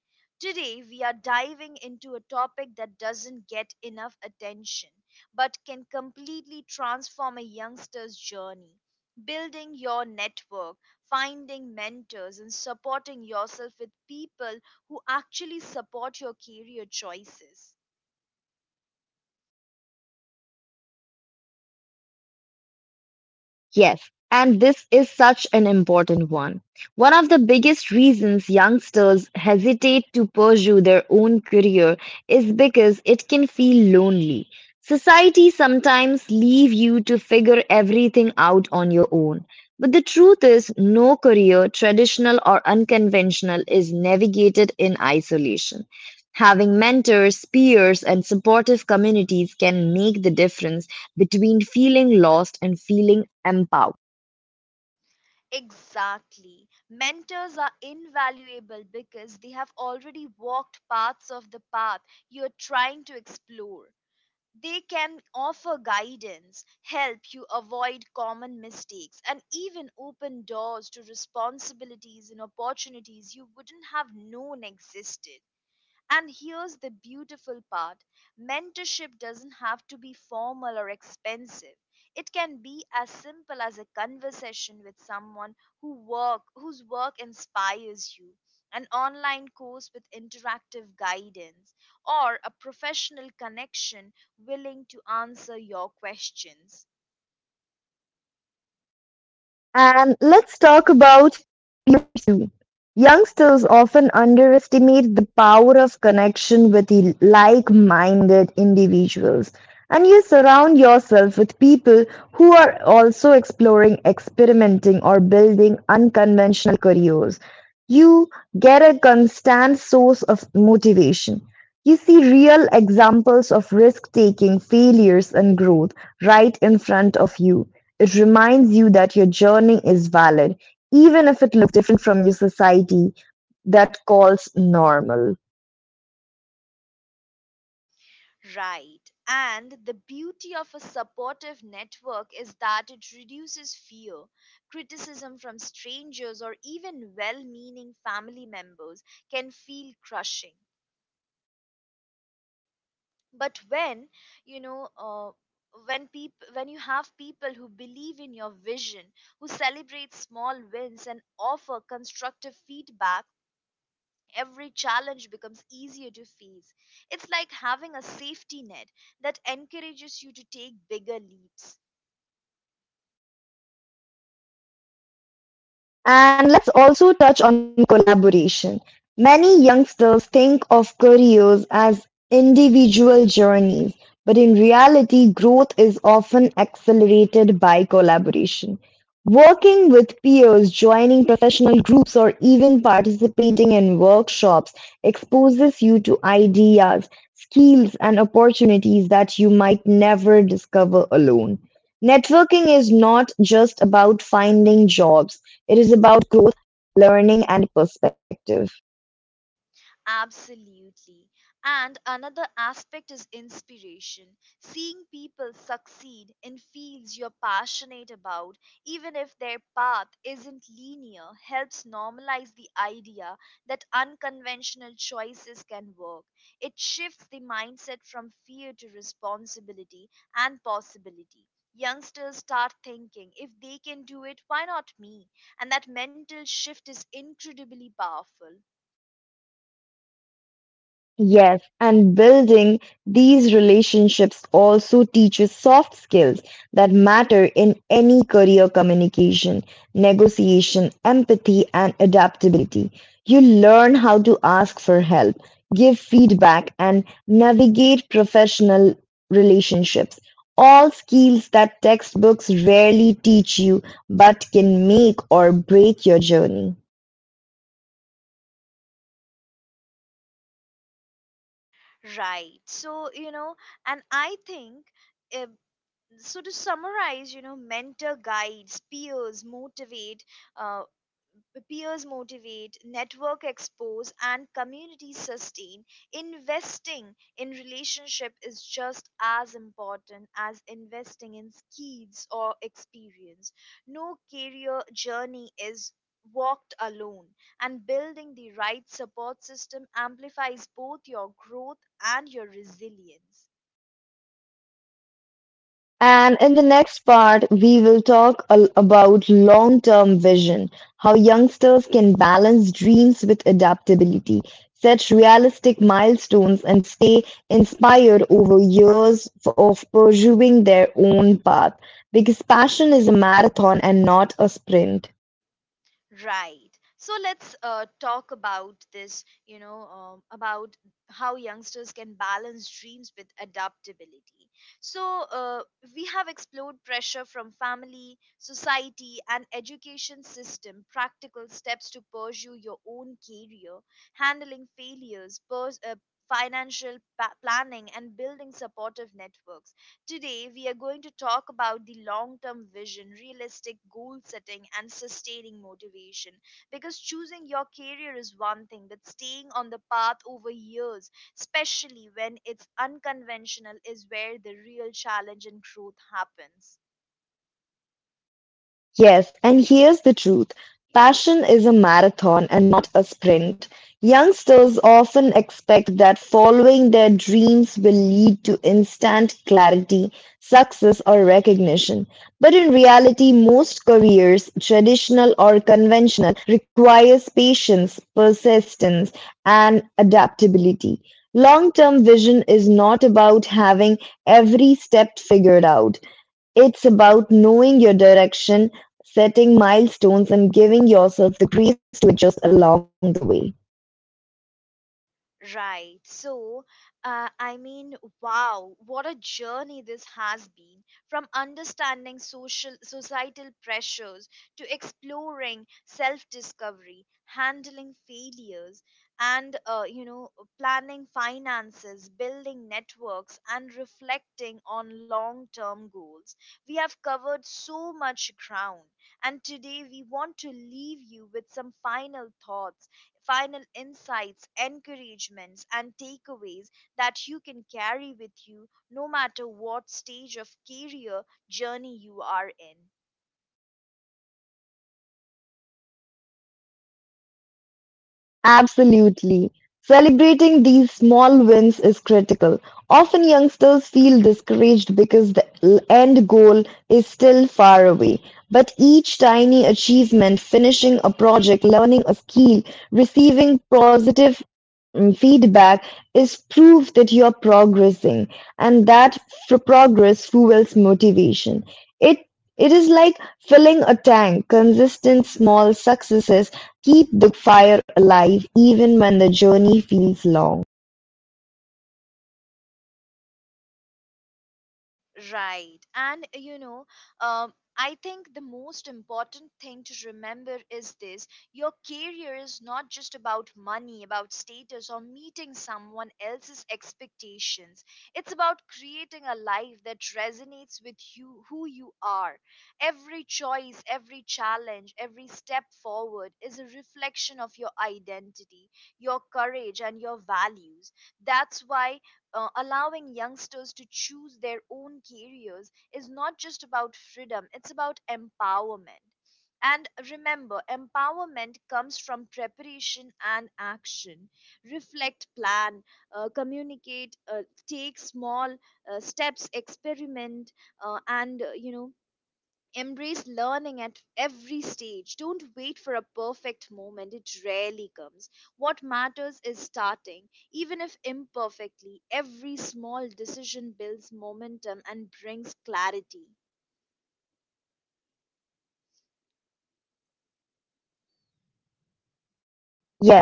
Speaker 1: Today, we are diving into a topic that doesn't get enough attention but can completely transform a youngster's journey: building your network, finding mentors, and supporting yourself with people who actually support your career choices.
Speaker 2: Yes, and this is such an important one. One of the biggest reasons youngsters hesitate to pursue their own career is because it can feel lonely. Society sometimes leave you to figure everything out on your own. But the truth is, no career, traditional or unconventional, is navigated in isolation. Having mentors, peers, and supportive communities can make the difference between feeling lost and feeling empowered.
Speaker 1: Exactly. Mentors are invaluable because they have already walked parts of the path you are trying to explore. They can offer guidance, help you avoid common mistakes, and even open doors to responsibilities and opportunities you wouldn't have known existed. And here's the beautiful part: mentorship doesn't have to be formal or expensive. It can be as simple as a conversation with someone whose work inspires you, an online course with interactive guidance, or a professional connection willing to answer your questions.
Speaker 2: And let's talk about Mm. youngsters often underestimate the power of connection with like-minded individuals, and you surround yourself with people who are also exploring, experimenting, or building unconventional careers. You get a constant source of motivation. You see real examples of risk taking, failures, and growth right in front of you. It reminds you that your journey is valid, even if it different from your society that calls normal.
Speaker 1: Right. And the beauty of a supportive network is that it reduces fear. Criticism from strangers, or even well meaning family members can feel crushing. But you know, uh, when you have people who believe in your vision, who celebrate small wins and offer constructive feedback, every challenge becomes easier to face. It's like having a safety net that encourages you to take bigger leaps.
Speaker 2: And let's also touch on collaboration. Many youngsters think of careers as individual journeys, but in reality, growth is often accelerated by collaboration. Working with peers, joining professional groups, or even participating in workshops exposes you to ideas, skills, and opportunities that you might never discover alone. Networking is not just about finding jobs it is about growth, learning and perspective.
Speaker 1: Absolutely. And another aspect is inspiration. Seeing people succeed in fields you're passionate about, even if their path isn't linear, helps normalize the idea that unconventional choices can work. It shifts the mindset from fear to responsibility and possibility. Youngsters start thinking, if they can do it, why not me? And that mental shift is incredibly powerful.
Speaker 2: Yes, and building these relationships also teaches soft skills that matter in any career communication, negotiation, empathy, and adaptability. You learn how to ask for help, give feedback, and navigate professional relationships. All skills that textbooks rarely teach you but can make or break your journey.
Speaker 1: Right. And I think, uh, so to summarize, you know, mentor guides, uh, peers motivate, network expose, and community sustain, investing in relationship is just as important as investing in skills or experience. No career journey is walked alone, and building the right support system amplifies both your growth and your resilience.
Speaker 2: And in the next part, we will talk about long term vision, how youngsters can balance dreams with adaptability, set realistic milestones, and stay inspired over years of pursuing their own path. Because passion is a marathon and not a sprint.
Speaker 1: Right. So let's talk about this, you know, about how youngsters can balance dreams with adaptability. So we have explored pressure from family, society, and education system, practical steps to pursue your own career, handling failures, financial planning, and building supportive networks. Today, we are going to talk about the long term vision, realistic goal setting, and sustaining motivation. Because choosing your career is one thing, but staying on the path over years, especially when it's unconventional, is where the real challenge and growth happens.
Speaker 2: Yes, and here's the truth. Passion is a marathon and not a sprint. Youngsters often expect that following their dreams will lead to instant clarity, success, or recognition. But in reality, most careers, traditional or conventional, requires patience, persistence, and adaptability. Long term vision is not about having every step figured out. It's about knowing your direction, setting milestones and giving yourself the grace to adjust along the way.
Speaker 1: Right. So, I mean, wow, what a journey this has been, from understanding social societal pressures to exploring self-discovery, handling failures, and you know, planning finances, building networks, and reflecting on long-term goals. We have covered so much ground, and today we want to leave you with some final thoughts, final insights, encouragements, and takeaways that you can carry with you no matter what stage of career journey you are in.
Speaker 2: Absolutely. Celebrating these small wins is critical. Often youngsters feel discouraged because the end goal is still far away. But each tiny achievement, finishing a project, learning a skill, receiving positive feedback, is proof that you're progressing. And that progress fuels motivation. It is like filling a tank. Consistent small successes keep the fire alive even when the journey feels long.
Speaker 1: Right. And you know, I think the most important thing to remember is this: your career is not just about money, about status, or meeting someone else's expectations. It's about creating a life that resonates with you, who you are. Every choice, every challenge, every step forward is a reflection of your identity, your courage, and your values. That's why allowing youngsters to choose their own careers is not just about freedom, it's about empowerment. And remember, empowerment comes from preparation and action. Reflect, plan, communicate, take small steps, experiment, and you know, embrace learning at every stage. Don't wait for a perfect moment, it rarely comes. What matters is starting, even if imperfectly. Every small decision builds momentum and brings clarity.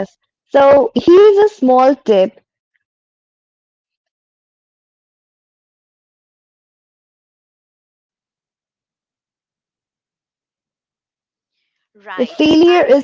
Speaker 2: Yes. So here's a small tip that
Speaker 1: Right, and
Speaker 2: failure
Speaker 1: I.
Speaker 2: is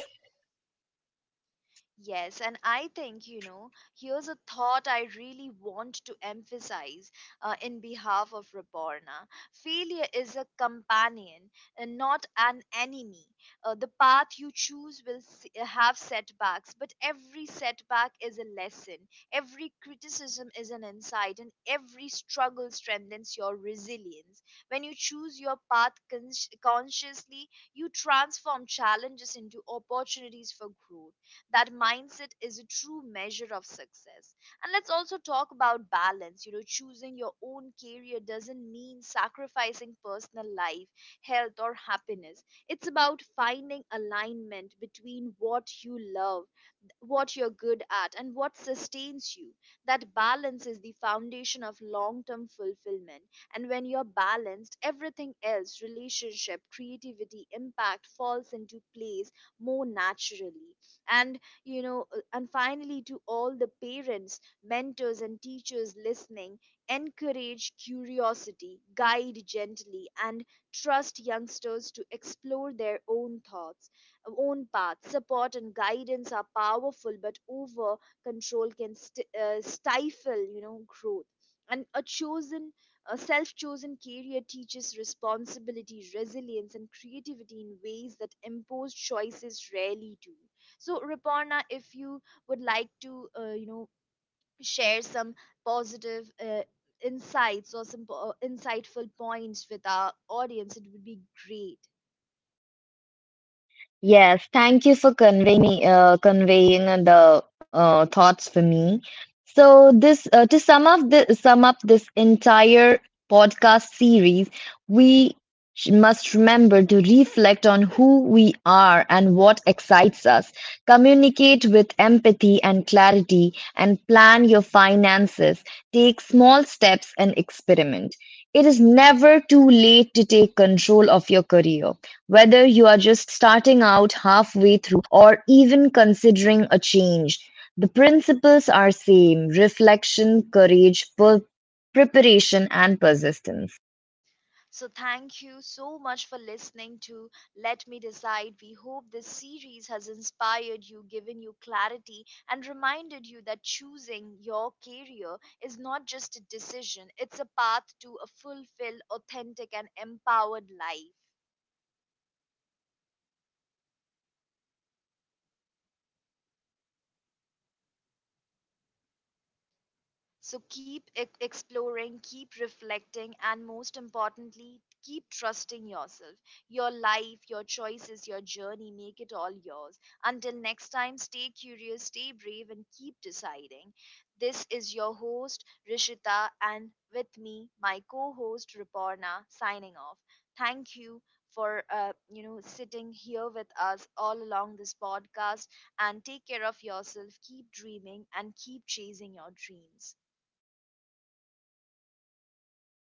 Speaker 1: Yes, and I think, you know, here's a thought I really want to emphasize in behalf of Raborna. Failure is a companion and not an enemy. The path you choose will have setbacks, but every setback is a lesson. Every criticism is an insight, and every struggle strengthens your resilience. When you choose your path consciously, you transform challenges into opportunities for growth. That mindset is a true measure of success. And let's also talk about balance. You know, choosing your own career doesn't mean sacrificing personal life, health, or happiness. It's about finding alignment between what you love, what you're good at, and what sustains you. That balance is the foundation of long-term fulfillment, and when you're balanced, everything else, relationship, creativity, impact, falls into place more naturally. And you know, and finally, to all the parents, mentors and teachers listening, encourage curiosity, guide gently, and trust youngsters to explore their own thoughts, own paths. Support and guidance are powerful, but over control can stifle, you know, growth. And a self-chosen career teaches responsibility, resilience, and creativity in ways that imposed choices rarely do. So, Riporna, if you would like to, you know, share some positive insights or some insightful points with our audience, it would be great.
Speaker 2: yes, thank you for conveying the thoughts for me. So to sum up this entire podcast series, we must remember to reflect on who we are and what excites us. Communicate with empathy and clarity, and plan your finances. Take small steps and experiment. It is never too late to take control of your career whether you are just starting out halfway through or even considering a change. The principles are same: reflection, courage, preparation and persistence.
Speaker 1: So, thank you so much for listening to Let Me Decide. We hope this series has inspired you, given you clarity, and reminded you that choosing your career is not just a decision, it's a path to a fulfilled, authentic, and empowered life. So keep exploring, keep reflecting, and most importantly, keep trusting yourself, your life, your choices, your journey. Make it all yours. Until next time, stay curious, stay brave, and keep deciding. This is your host, Rishita, and with me, my co host, Riporna, signing off. Thank you for you know, sitting here with us all along this podcast, and take care of yourself, keep dreaming and keep chasing your dreams.